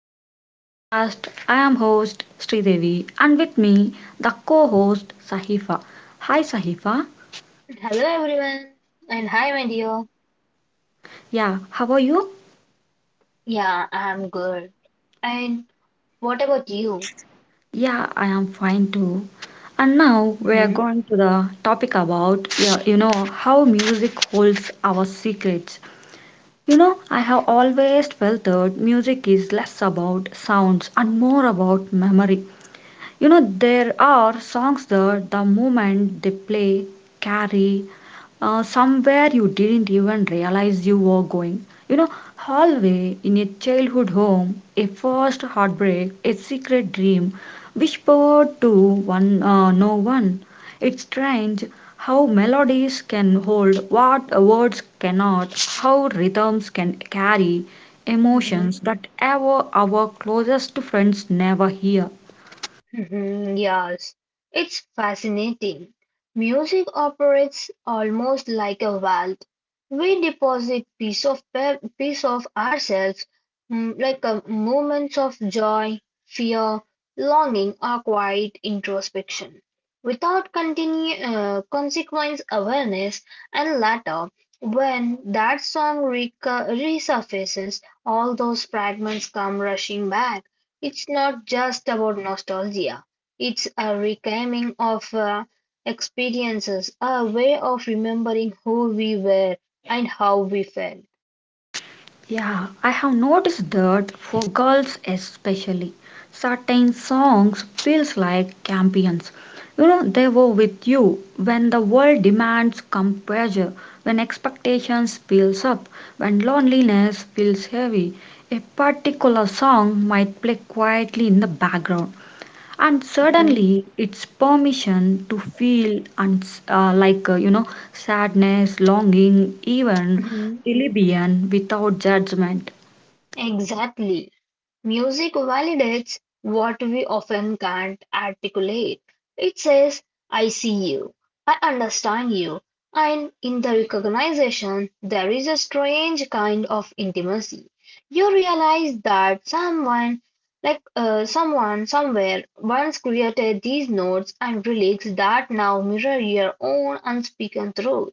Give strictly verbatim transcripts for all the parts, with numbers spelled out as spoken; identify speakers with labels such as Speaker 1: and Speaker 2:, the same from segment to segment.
Speaker 1: back to the podcast. I am host Sridevi and with me the co-host Sahifa. Hi Sahifa.
Speaker 2: Hello everyone, and hi my dear.
Speaker 1: Yeah, how are you?
Speaker 2: Yeah, I'm good. And what about you?
Speaker 1: Yeah, I am fine too. And now we are
Speaker 2: Mm-hmm.
Speaker 1: going to the topic about yeah, you know how music holds our secrets. You know, I have always felt that music is less about sounds and more about memory. You know, there are songs that the moment they play carry uh, somewhere you didn't even realize you were going. You know, hallway in a childhood home, a first heartbreak, a secret dream whispered to one uh, no one. It's strange how melodies can hold what words cannot, how rhythms can carry emotions
Speaker 2: Mhm.
Speaker 1: that ever our closest friends never hear.
Speaker 2: Mhm, yes, it's fascinating. Music operates almost like a vault. We deposit piece of pe- piece of ourselves, mm, like a moments of joy, fear, longing, or quiet introspection. Without continue, uh, Consequence awareness, and later, when that song reca- resurfaces, all those fragments come rushing back. It's not just about nostalgia, it's a reclaiming of uh, experiences, a way of remembering who we were and how we felt.
Speaker 1: Yeah, I have noticed that for girls especially, certain songs feels like champions. You know, they were with you when the world demands composure, when expectations builds up, when loneliness feels heavy. A particular song might play quietly in the background, and
Speaker 2: Mhm.
Speaker 1: suddenly it's permission to feel and uh, like uh, you know sadness longing even
Speaker 2: Mhm.
Speaker 1: rebellion without judgment.
Speaker 2: Exactly. Music validates what we often can't articulate. It says, I see you, I understand you, and in the recognition, there is a strange kind of intimacy. You realize that someone, like uh, someone somewhere, once created these notes and relics that now mirror your own unspoken truth.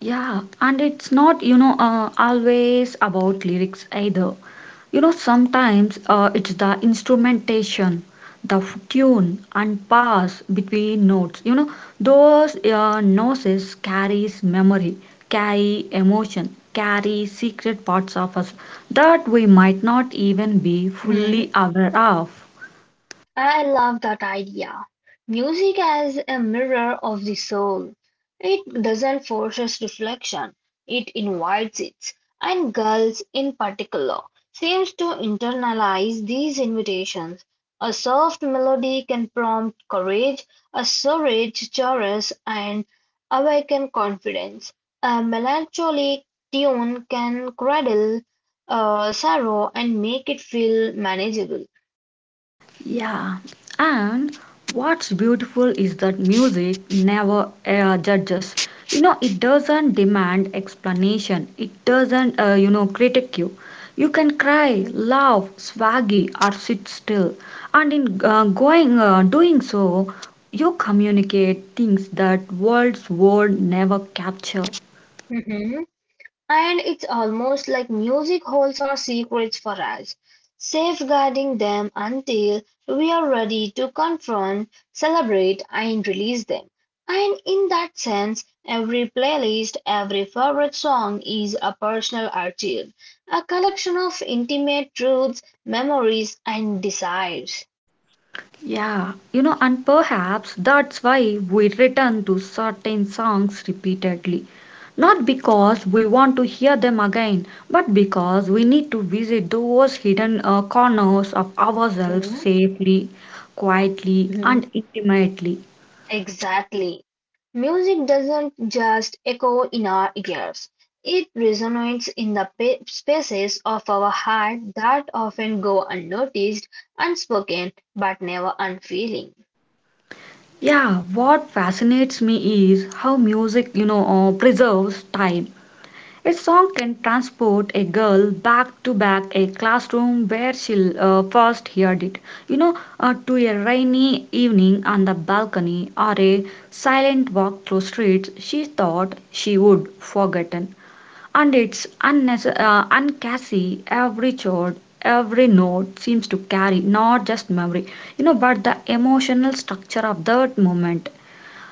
Speaker 1: Yeah, and it's, not, you know, uh, always about lyrics either. You know, sometimes uh, it's the instrumentation, the f- tune and pass between notes. You know, those uh, noses carries memory, carry emotion, carry secret parts of us that we might not even be fully aware of.
Speaker 2: I love that idea. Music as a mirror of the soul. It doesn't force us reflection, it invites it. And girls in particular seems to internalize these invitations. A soft melody can prompt courage, a savage chorus and awaken confidence. A melancholic tune can cradle uh, sorrow and make it feel manageable.
Speaker 1: Yeah, and what's beautiful is that music never uh, judges. You know, it doesn't demand explanation. It doesn't, uh, you know, critique you. You can cry, laugh, swaggy, or sit still. And in uh, going, uh, doing so, you communicate things that words would never capture.
Speaker 2: And it's almost like music holds our secrets for us, safeguarding them until we are ready to confront, celebrate, and release them. And in that sense, every playlist, every favorite song is a personal archive, a collection of intimate truths, memories, and desires.
Speaker 1: Yeah, you know, and perhaps that's why we return to certain songs repeatedly. Not because we want to hear them again, but because we need to visit those hidden uh, corners of ourselves
Speaker 2: Mhm.
Speaker 1: safely, quietly,
Speaker 2: Mhm.
Speaker 1: and intimately.
Speaker 2: Exactly. Music doesn't just echo in our ears, it resonates in the pa- spaces of our heart that often go unnoticed, unspoken, but never unfeeling.
Speaker 1: Yeah, what fascinates me is how music, you know, uh, preserves time. A song can transport a girl back to back a classroom where she uh, first heard it, you know, uh, to a rainy evening on the balcony or a silent walk through streets she thought she would forgotten. And it's unnecess- uh, uncassie, every chord, every note seems to carry not just memory, you know, but the emotional structure of that moment.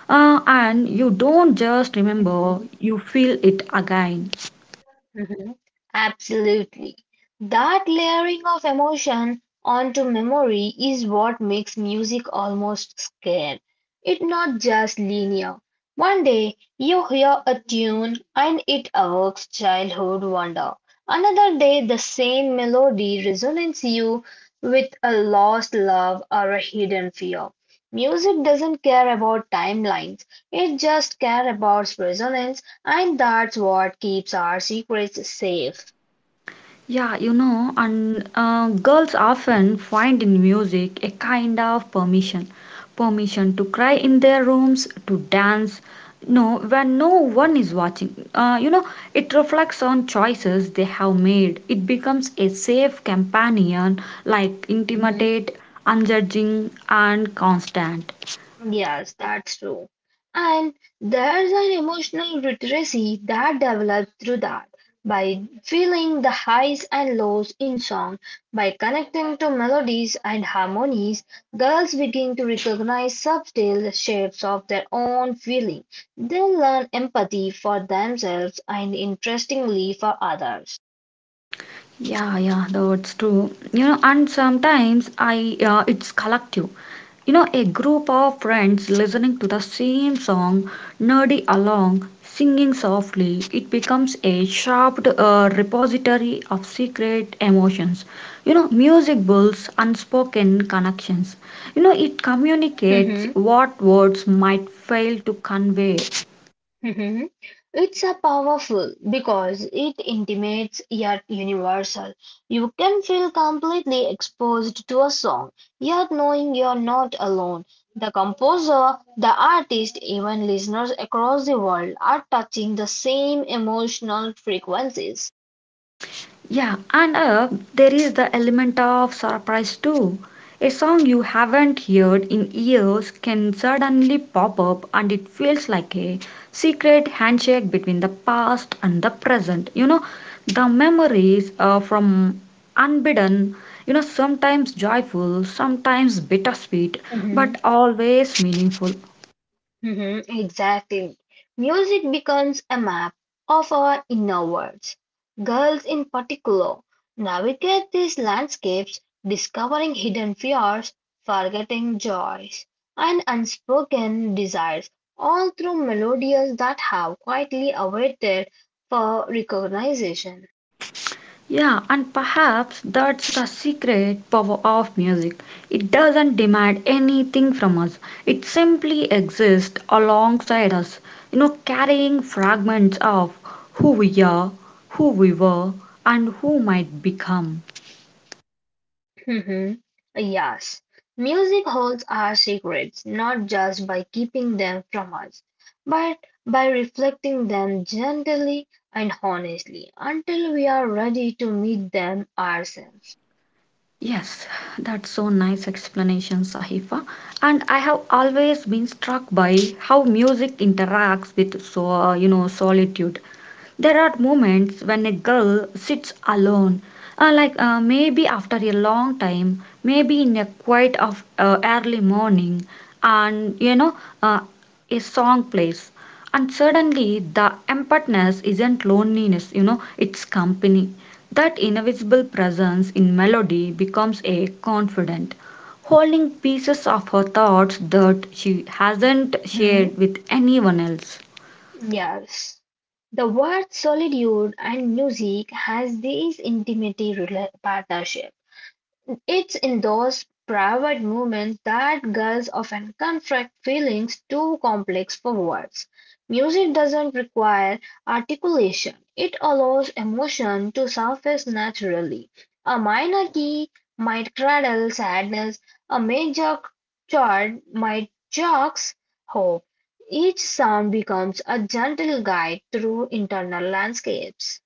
Speaker 1: Uh, and you don't just remember, you feel it again.
Speaker 2: Mhm. Absolutely. That layering of emotion onto memory is what makes music almost scared. It's not just linear. One day you hear a tune and it evokes childhood wonder. Another day the same melody resonates you with a lost love or a hidden fear. Music doesn't care about timelines. It just cares about resonance, and that's what keeps our secrets safe.
Speaker 1: Yeah, you know, and uh, girls often find in music a kind of permission permission to cry in their rooms, to dance, no, when no one is watching. Uh, you know, it reflects on choices they have made. It becomes a safe companion, like
Speaker 2: Hmm.
Speaker 1: intimate, unjudging, and constant.
Speaker 2: Yes, that's true. And there's an emotional literacy that develops through that by feeling the highs and lows in song, by connecting to melodies and harmonies, girls begin to recognize subtle shapes of their own feeling. They learn empathy for themselves and interestingly for others.
Speaker 1: Yeah, yeah, that's true. You know, and sometimes I uh, it's collective. You know, a group of friends listening to the same song, nerdy along, singing softly, it becomes a sharp uh, repository of secret emotions. You know, music builds unspoken connections. You know, it communicates what words might fail to convey.
Speaker 2: Mhm. It's a powerful because it intimates yet universal. You can feel completely exposed to a song, yet knowing you're not alone. The composer, the artist, even listeners across the world are touching the same emotional frequencies.
Speaker 1: Yeah, and uh, there is the element of surprise too. A song you haven't heard in years can suddenly pop up, and it feels like a secret handshake between the past and the present. You know, the memories uh, from unbidden, you know, sometimes joyful, sometimes bittersweet,
Speaker 2: Mhm.
Speaker 1: but always meaningful.
Speaker 2: Mhm, exactly. Music becomes a map of our inner worlds. Girls, in particular, navigate these landscapes, discovering hidden fears, forgetting joys, and unspoken desires, all through melodies that have quietly awaited for recognition.
Speaker 1: Yeah, and perhaps that's the secret power of music. It doesn't demand anything from us, it simply exists alongside us, you know, carrying fragments of who we are, who we were, and who might become.
Speaker 2: Mhm. Yes, music holds our secrets not just by keeping them from us, but by reflecting them gently and honestly until we are ready to meet them ourselves.
Speaker 1: Yes, that's so nice explanation, Sahifa. And I have always been struck by how music interacts with so uh, you know solitude. There are moments when a girl sits alone, uh, like uh, maybe after a long time, maybe in a quiet of uh, early morning, and you know uh, a song plays, and suddenly the emptiness isn't loneliness, you know, it's company. That invisible presence in melody becomes a confidant, holding pieces of her thoughts that she hasn't
Speaker 2: Mhm.
Speaker 1: shared with anyone else.
Speaker 2: Yes. The word solitude and music has this intimate rela- partnership. It's in those private moments that girls often confront feelings too complex for words. Music doesn't require articulation, it allows emotion to surface naturally. A minor key might cradle sadness, a major chord might jocks hope. Each sound becomes a gentle guide through internal landscapes.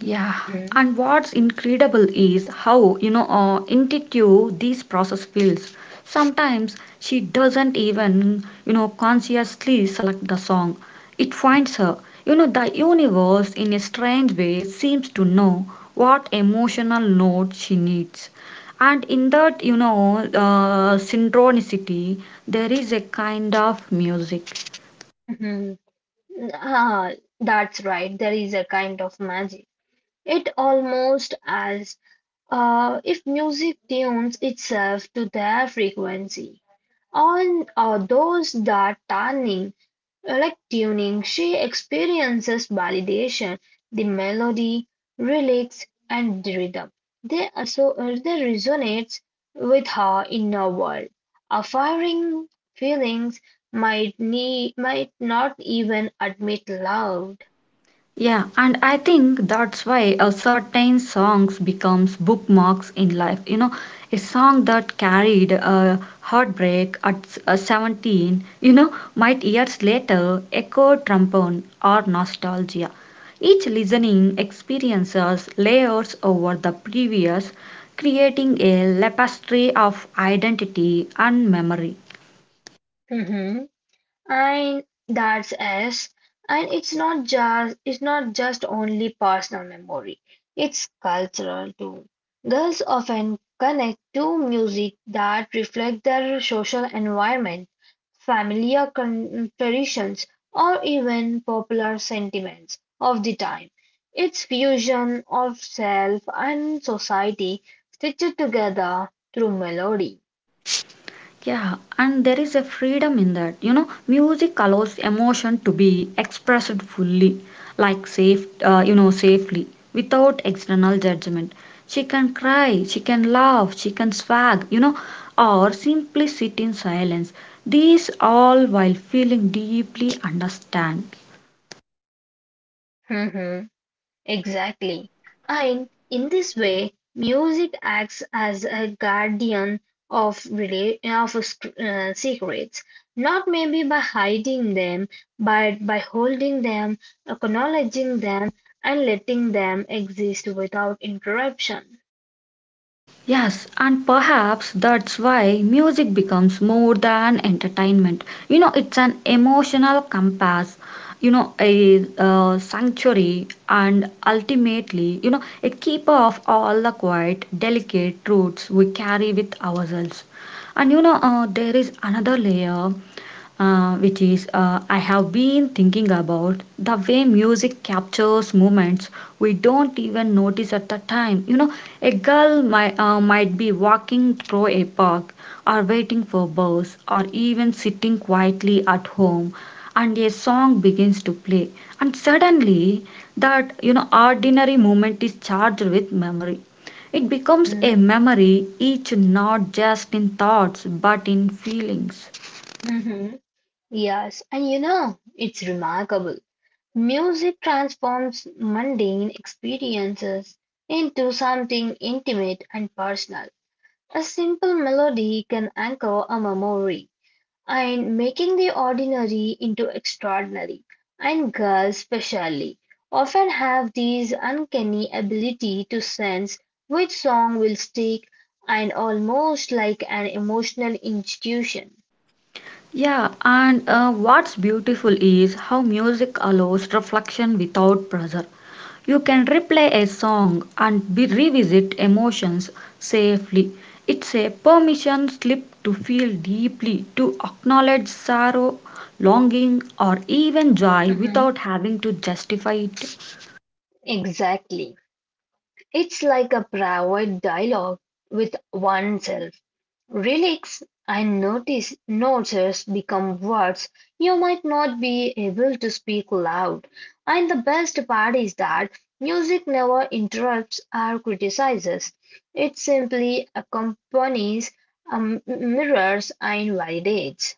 Speaker 1: Yeah,
Speaker 2: Mhm.
Speaker 1: and what's incredible is how, you know, uh, intuitive this process feels. Sometimes she doesn't even, you know, consciously select the song. It finds her. You know, the universe in a strange way seems to know what emotional note she needs. And in that, you know, uh, synchronicity, there is a kind of music.
Speaker 2: Ah, that's right. There is a kind of magic. It almost as uh, If music tunes itself to their frequency. On uh, those that tuning, like tuning, she experiences validation, the melody, lyrics, and the rhythm. They also uh, they resonates with her inner world. Her firing feelings might need might not even admit loud.
Speaker 1: Yeah, and I think that's why a certain songs becomes bookmarks in life. You know, a song that carried a heartbreak at s- uh, seventeen, you know, might years later echo trombone or nostalgia. Each listening experiences layers over the previous, creating a tapestry of identity and memory.
Speaker 2: And that's us. And it's not just it's not just only personal memory. It's cultural too. Girls often connect to music that reflect their social environment, familiar con- traditions, or even popular sentiments of the time. It's fusion of self and society stitched together through melody.
Speaker 1: Yeah, and there is a freedom in that. You know, music allows emotion to be expressed fully, like safe, uh, you know, safely, without external judgment. She can cry, she can laugh, she can swag, you know, or simply sit in silence. These all while feeling deeply understand.
Speaker 2: Exactly. And in this way, music acts as a guardian of, rela- of sc- uh, secrets, not maybe by hiding them, but by holding them, acknowledging them, and letting them exist without interruption.
Speaker 1: Yes, and perhaps that's why music becomes more than entertainment. You know, it's an emotional compass, you know, a uh, sanctuary, and ultimately, you know, a keeper of all the quiet, delicate truths we carry with ourselves. And you know, uh, there is another layer uh, which is uh, I have been thinking about the way music captures moments we don't even notice at the time. You know, a girl might, uh, might be walking through a park or waiting for bus or even sitting quietly at home and a song begins to play and suddenly that you know ordinary moment is charged with memory. It becomes
Speaker 2: Mm-hmm.
Speaker 1: a memory each not just in thoughts but in feelings.
Speaker 2: Mm-hmm. Yes, and you know, it's remarkable. Music transforms mundane experiences into something intimate and personal. A simple melody can anchor a memory and making the ordinary into extraordinary. And girls, especially, often have this uncanny ability to sense which song will stick and almost like an emotional institution.
Speaker 1: Yeah, and uh, what's beautiful is how music allows reflection without pressure. You can replay a song and be revisit emotions safely. It's a permission slip to feel deeply, to acknowledge sorrow, longing, or even joy
Speaker 2: Mhm.
Speaker 1: without having to justify it.
Speaker 2: Exactly. It's like a private dialogue with oneself. Relics and notches become words you might not be able to speak loud, and the best part is that music never interrupts or criticizes. It simply accompanies, um, mirrors, and validates.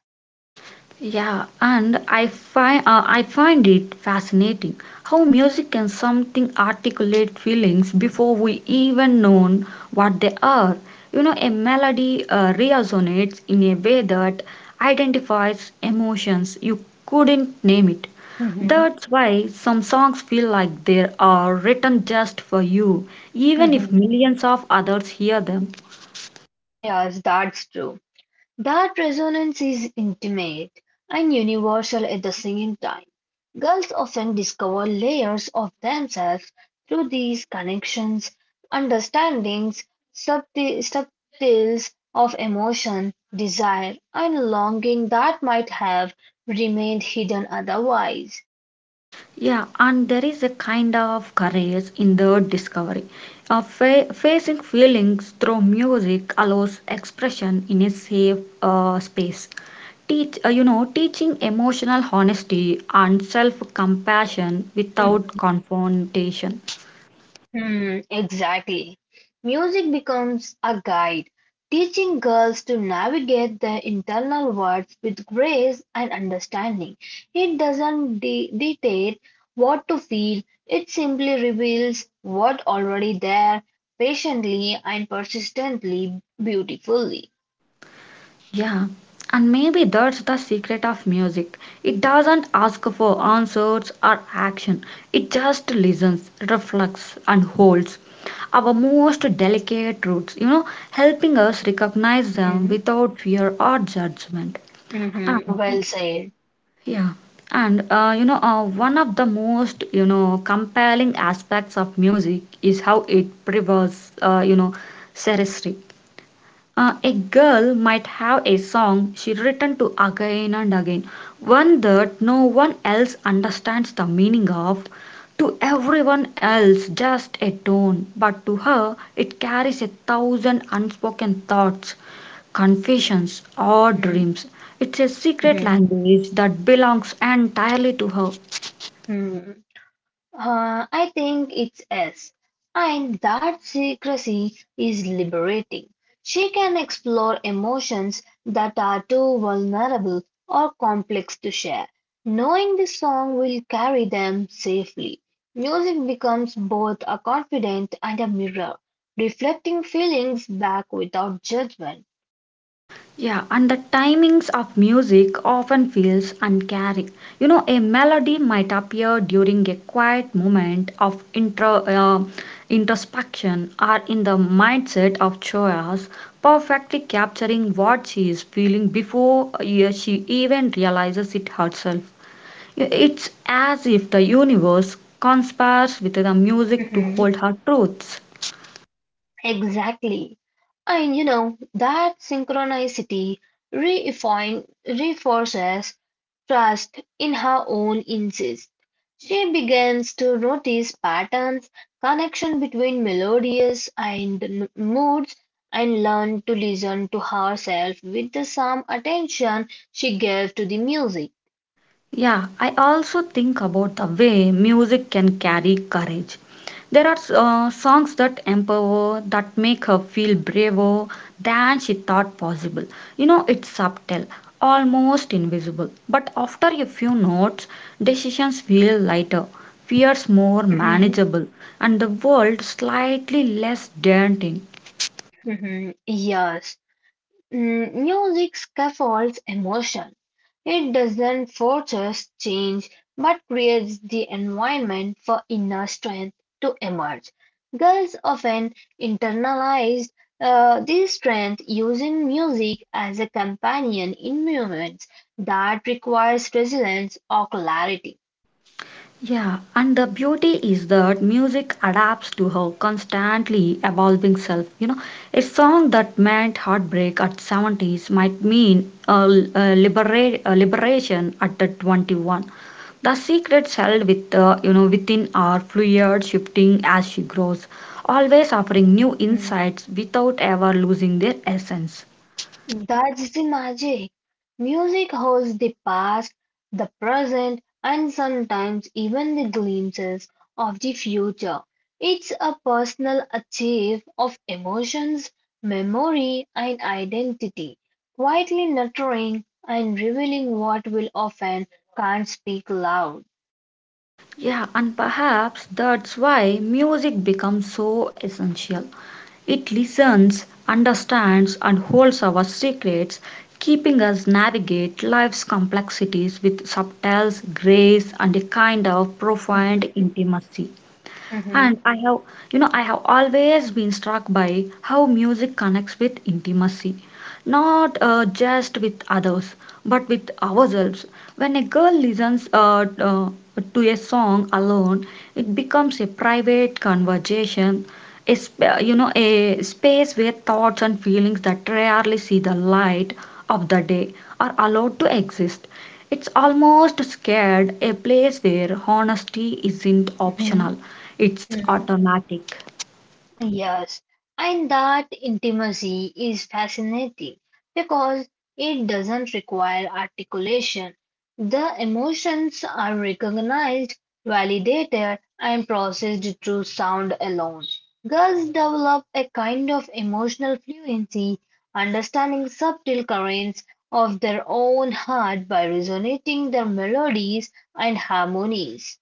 Speaker 1: Yeah, and I find uh, I find it fascinating how music can something articulate feelings before we even know what they are. You know, a melody uh, resonates in a way that identifies emotions you couldn't name it.
Speaker 2: Mhm,
Speaker 1: That's why some songs feel like they are written just for you, even if
Speaker 2: mhm.
Speaker 1: millions of others hear them.
Speaker 2: Yes, that's true. That resonance is intimate and universal at the same time. Girls often discover layers of themselves through these connections, understandings, subti- subtles of emotion, desire, and longing that might have remained hidden otherwise.
Speaker 1: Yeah, and there is a kind of courage in the discovery. Uh, fa- facing feelings through music allows expression in a safe uh, space. Teach, uh, you know, teaching emotional honesty and self-compassion without confrontation.
Speaker 2: Hmm, exactly. Music becomes a guide, teaching girls to navigate their internal worlds with grace and understanding. It doesn't de- dictate what to feel, it simply reveals what already there, patiently and persistently beautifully.
Speaker 1: Yeah, and maybe that's the secret of music. It doesn't ask for answers or action, it just listens, reflects, and holds our most delicate truths. You know, helping us recognize them
Speaker 2: Mm-hmm,
Speaker 1: without fear or judgment.
Speaker 2: mm-hmm,
Speaker 1: And
Speaker 2: well said.
Speaker 1: yeah, and uh, you know, uh, one of the most you know compelling aspects of music is how it preserves, uh, you know, seriously. Uh, a girl might have a song she written to again and again, one that no one else understands the meaning of. To everyone else, just a tone, but to her, it carries a thousand unspoken thoughts, confessions, or
Speaker 2: Mm-hmm,
Speaker 1: dreams. It's a secret
Speaker 2: mm-hmm,
Speaker 1: language that belongs entirely to her.
Speaker 2: Uh, I think it's S. And that secrecy is liberating. She can explore emotions that are too vulnerable or complex to share. Knowing the song will carry them safely. Music becomes both a confidant and a mirror, reflecting feelings back without judgment.
Speaker 1: Yeah, and the timings of music often feels uncaring. You know, a melody might appear during a quiet moment of intro, uh, introspection or in the mindset of Choas, perfectly capturing what she is feeling before uh, she even realizes it herself. It's as if the universe conspires with the music to
Speaker 2: Mhm.
Speaker 1: hold her truths.
Speaker 2: Exactly. And you know, that synchronicity reifin- reinforces trust in her own insist. She begins to notice patterns, connection between melodies and n- moods, and learn to listen to herself with the same attention she gave to the music.
Speaker 1: Yeah, I also think about the way music can carry courage. There are uh, songs that empower, that make her feel braver than she thought possible. You know, it's subtle, almost invisible. But after a few notes, decisions feel lighter, fears more
Speaker 2: Mhm,
Speaker 1: manageable, and the world slightly less daunting.
Speaker 2: mhm, yes, mm, music scaffolds emotion. It doesn't force us change, but creates the environment for inner strength to emerge. Girls often internalize uh, this strength using music as a companion in moments that requires resilience or clarity.
Speaker 1: Yeah, and the beauty is that music adapts to her constantly evolving self. You know, a song that meant heartbreak at seventies might mean a, a, libera- a liberation at the twenty-one. The secrets held with, uh, you know, within are fluid, shifting as she grows, always offering new insights without ever losing their essence.
Speaker 2: That's the magic. Music holds the past, the present, and sometimes even the glimpses of the future. It's a personal achieve of emotions, memory, and identity, quietly nurturing and revealing what will often can't speak loud.
Speaker 1: Yeah, and perhaps that's why music becomes so essential. It listens, understands, and holds our secrets, keeping us navigate life's complexities with subtle grace and a kind of profound
Speaker 2: Mhm,
Speaker 1: intimacy. And
Speaker 2: mhm,
Speaker 1: I have, you know, I have always been struck by how music connects with intimacy, not uh, just with others, but with ourselves. When a girl listens uh, uh, to a song alone, it becomes a private conversation, a sp- uh, you know, a space where thoughts and feelings that rarely see the light of the day are allowed to exist. It's almost scared a place where honesty isn't
Speaker 2: mhm,
Speaker 1: optional, it's
Speaker 2: mhm.
Speaker 1: automatic.
Speaker 2: Yes, and that intimacy is fascinating because it doesn't require articulation. The emotions are recognized, validated, and processed through sound alone. Girls develop a kind of emotional fluency, understanding subtle currents of their own heart by resonating their melodies and harmonies.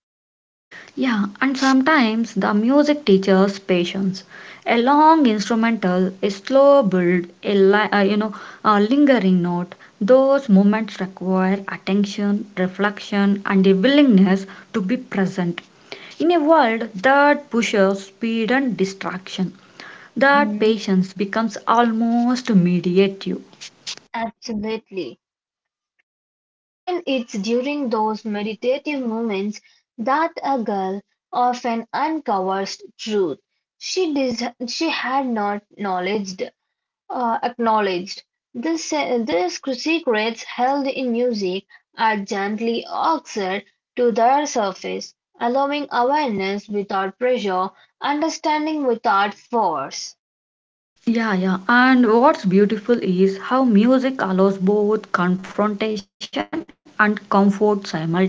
Speaker 1: Yeah, and sometimes the music teaches patience. A long instrumental, a slow build, a li- uh, you know, a lingering note. Those moments require attention, reflection, and a willingness to be present. In a world that pushes speed and distraction, that
Speaker 2: Hmm.
Speaker 1: patience becomes almost mediative.
Speaker 2: Absolutely. And it's during those meditative moments that a girl often uncovers truth she dis- she had not acknowledged. Uh, acknowledged. The, se- the secrets held in music are gently oxed to their surface, allowing awareness without pressure, understanding without force.
Speaker 1: Yeah, yeah. And what's beautiful is how music allows both confrontation and comfort simultaneously.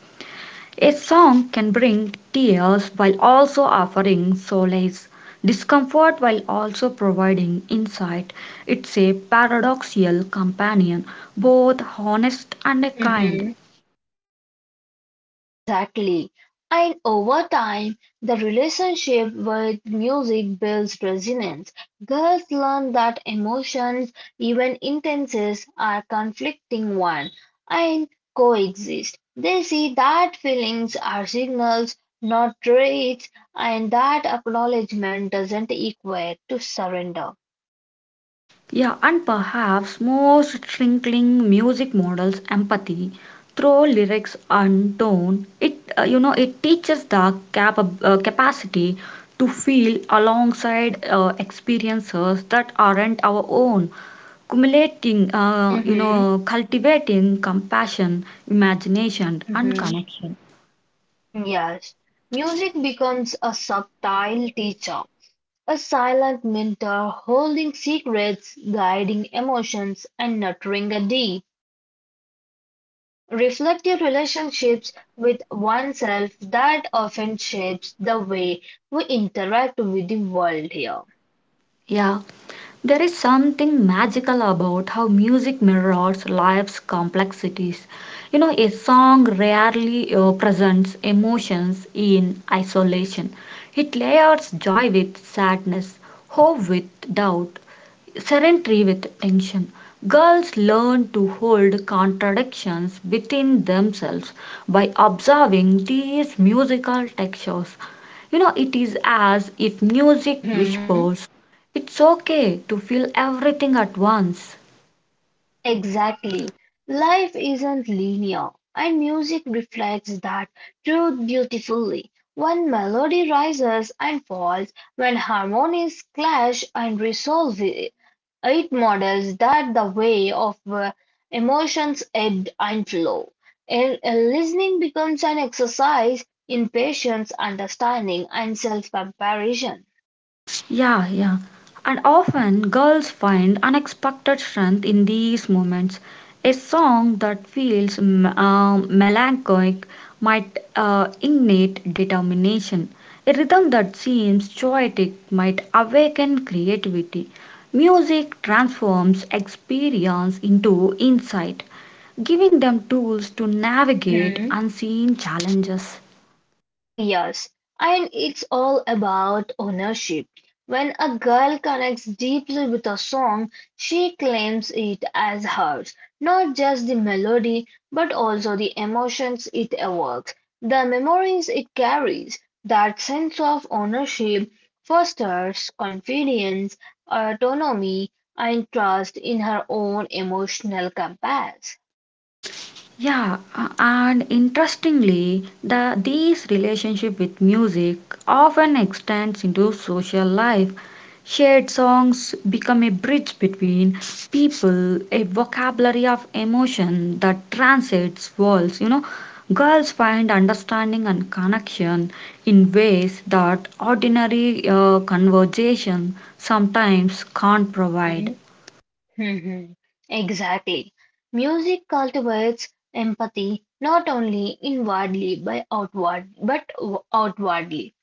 Speaker 1: A song can bring tears while also offering solace, discomfort while also providing insight. It's a paradoxical companion, both honest and kind.
Speaker 2: Exactly. And over time, the relationship with music builds resonance. Girls learn that emotions, even intenses, are conflicting one and coexist. They see that feelings are signals, not traits, and that acknowledgement doesn't equate to surrender.
Speaker 1: Yeah, and perhaps most shrinking music models empathy through lyrics and tone. It uh, you know it teaches the cap- uh, capacity to feel alongside uh, experiences that aren't our own, cumulating uh, you
Speaker 2: Mm-hmm.
Speaker 1: know cultivating compassion, imagination, and
Speaker 2: Mm-hmm.
Speaker 1: connection.
Speaker 2: Yes, music becomes a subtle teacher. A silent mentor holding secrets, guiding emotions, and nurturing a deep, reflective relationships with oneself that often shapes the way we interact with the world here.
Speaker 1: Yeah, there is something magical about how music mirrors life's complexities. You know, a song rarely uh, presents emotions in isolation. It layers joy with sadness, hope with doubt, serenity with tension. Girls learn to hold contradictions within themselves by observing these musical textures. You know, it is as if music whispers it's okay to feel everything at once.
Speaker 2: Exactly. Life isn't linear, and music reflects that truth beautifully. When melody rises and falls, when harmonies clash and resolve, it it models that the way of uh, emotions ebb and flow. And uh, listening becomes an exercise in patience, understanding, and self comparison.
Speaker 1: Yeah, yeah. And often girls find unexpected strength in these moments. A song that feels mm, uh, melancholic might uh, ignite determination. A rhythm that seems poetic might awaken creativity. Music transforms experience into insight, giving them tools to navigate unseen challenges.
Speaker 2: Yes, and it's all about ownership. When a girl connects deeply with a song, she claims it as hers, not just the melody, but also the emotions it evokes, the memories it carries. That sense of ownership fosters confidence, autonomy, and trust in her own emotional compass.
Speaker 1: Yeah, uh, and interestingly, the these relationship with music often extends into social life. Shared songs become a bridge between people, a vocabulary of emotion that transcends walls. You know, girls find understanding and connection in ways that ordinary uh, conversation sometimes can't provide.
Speaker 2: Mm-hmm. Mhm. Exactly. Music cultivates empathy not only inwardly by outward but w- outwardly.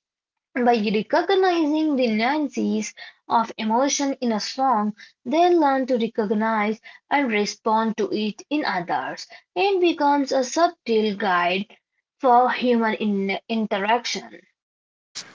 Speaker 2: By recognizing the nuances of emotion in a song, they learn to recognize and respond to it in others. It becomes a subtle guide for human in- interaction.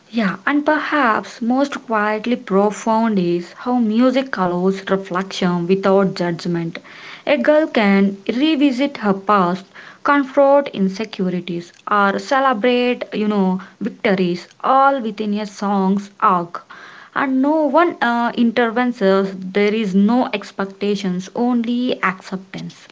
Speaker 1: Yeah, and perhaps most quietly profound is how music allows reflection without judgment. A girl can revisit her past, confront insecurities, or celebrate, you know, victories all within a song's arc. And no one uh, intervenes, there is no expectations, only acceptance.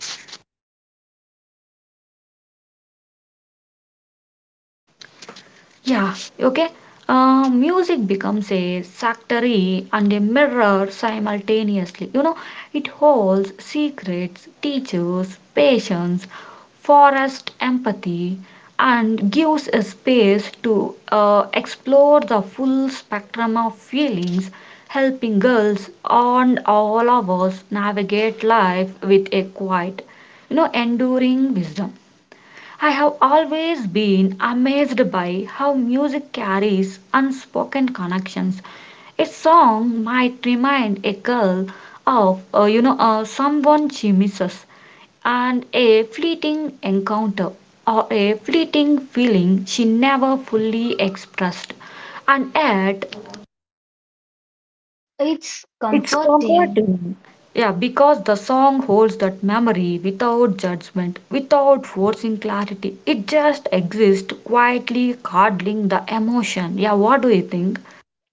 Speaker 1: Yeah, okay. Uh, music becomes a factory and a mirror simultaneously. You know, it holds secrets, teaches patience, forest empathy, and gives a space to uh, explore the full spectrum of feelings, helping girls and all of us navigate life with a quiet, you know, enduring wisdom. I have always been amazed by how music carries unspoken connections. A song might remind a girl of, uh, you know, uh, someone she misses, and a fleeting encounter or a fleeting feeling she never fully expressed. And yet,
Speaker 2: It's
Speaker 1: it's
Speaker 2: comforting.
Speaker 1: comforting. Yeah, because the song holds that memory without judgment, without forcing clarity. It just exists quietly, curdling the emotion. Yeah, what do you think?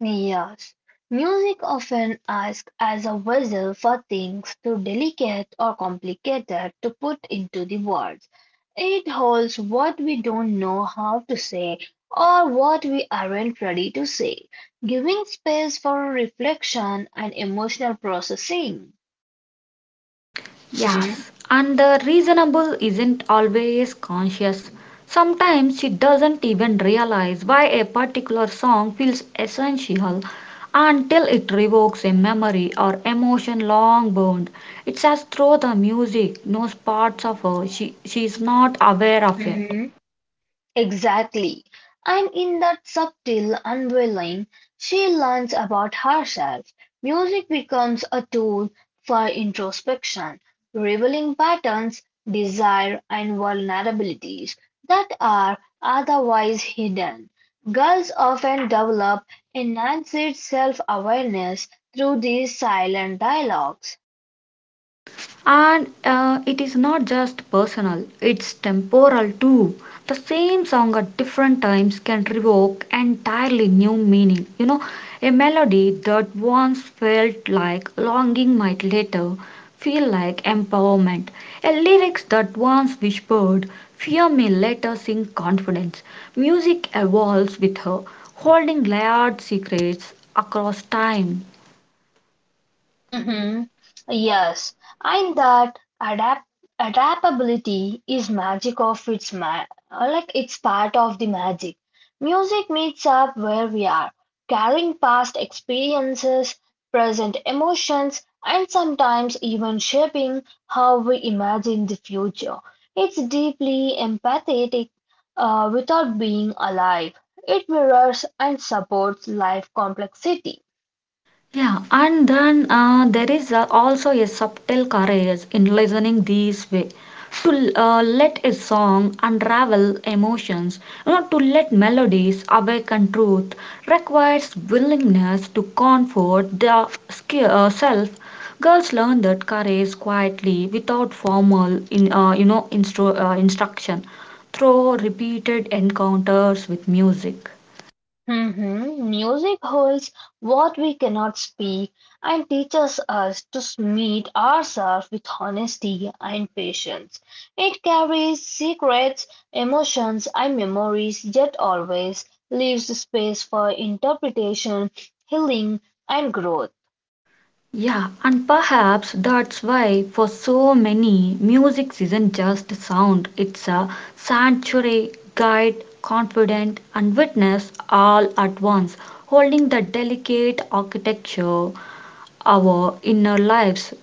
Speaker 2: Yes, music often acts as a vessel for things too delicate or complicated to put into the words. It holds what we don't know how to say or what we aren't ready to say, giving space for reflection and emotional processing. Hmm.
Speaker 1: Yes, and the reasonable isn't always conscious. Sometimes she doesn't even realize why a particular song feels essential until it revokes a memory or emotion long burned. It's as though the music knows parts of her she, she is not aware of it.
Speaker 2: Exactly. And in that subtle unveiling, she learns about herself. Music becomes a tool for introspection, revealing patterns, desire, and vulnerabilities that are otherwise hidden. Girls often develop enhanced self awareness through these silent dialogues.
Speaker 1: And uh, it is not just personal, it's temporal too. The same song at different times can evoke entirely new meaning. You know, a melody that once felt like longing might later feel like empowerment. A lyrics that once whispered fear may later sing confidence. Music evolves with her, holding layered secrets across time.
Speaker 2: Mhm. Yes, and that adapt adaptability is magic of its ma uh, like it's part of the magic. Music meets up where we are, carrying past experiences, present emotions, and sometimes even shaping how we imagine the future. It's deeply empathetic, uh, without being alive. It mirrors and supports life complexity.
Speaker 1: Yeah, and then uh, there is uh, also a subtle courage in listening this way. To uh, let a song unravel emotions, you know, to let melodies awaken truth, requires willingness to comfort the sk- uh, self. Girls learn that courage quietly, without formal, in uh, you know, instru- uh, instruction, through repeated encounters with music.
Speaker 2: Mhm. Music holds what we cannot speak and teaches us to meet ourselves with honesty and patience. It carries secrets, emotions, and memories, yet always leaves space for interpretation, healing, and growth.
Speaker 1: Yeah, and perhaps that's why for so many music isn't just sound, it's a sanctuary, guide, confident, and witness all at once, holding the delicate architecture our inner lives.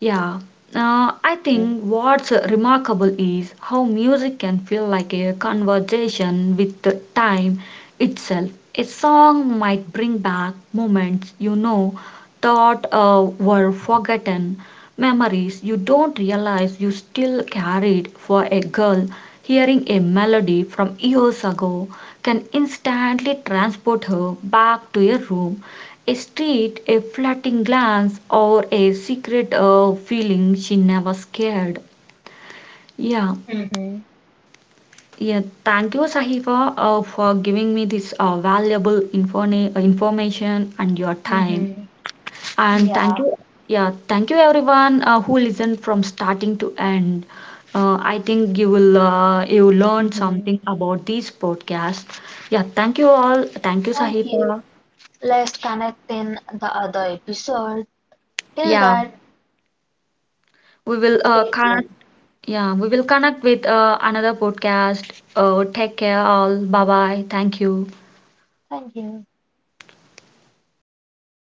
Speaker 1: Yeah, uh, I
Speaker 2: Mhm.
Speaker 1: think what's remarkable is how music can feel like a conversation with the time itself. A song might bring back moments you know thought uh, were forgotten, memories you don't realize you still carried for a girl. Hearing a melody from years ago can instantly transport her back to a room, a street, a fleeting glance, or a secret uh, feeling she never scared. Yeah,
Speaker 2: Mhm.
Speaker 1: yeah. Thank you, Sahifa, uh, for giving me this uh, valuable informa- information and your time.
Speaker 2: Mhm.
Speaker 1: And thank
Speaker 2: Yeah.
Speaker 1: you, yeah, thank you everyone uh, who listened from starting to end. Uh, I think you will uh, you learned
Speaker 2: Mhm.
Speaker 1: something about this podcast. Yeah, thank you all. Thank you,
Speaker 2: Thank you.
Speaker 1: Sahifa.
Speaker 2: Let's connect in the other episode. Till
Speaker 1: Yeah,
Speaker 2: that,
Speaker 1: we will uh,
Speaker 2: stay
Speaker 1: connect.
Speaker 2: tuned.
Speaker 1: Yeah, we will connect with uh, another podcast. Uh, take care, all. Bye bye. Thank you.
Speaker 2: Thank you.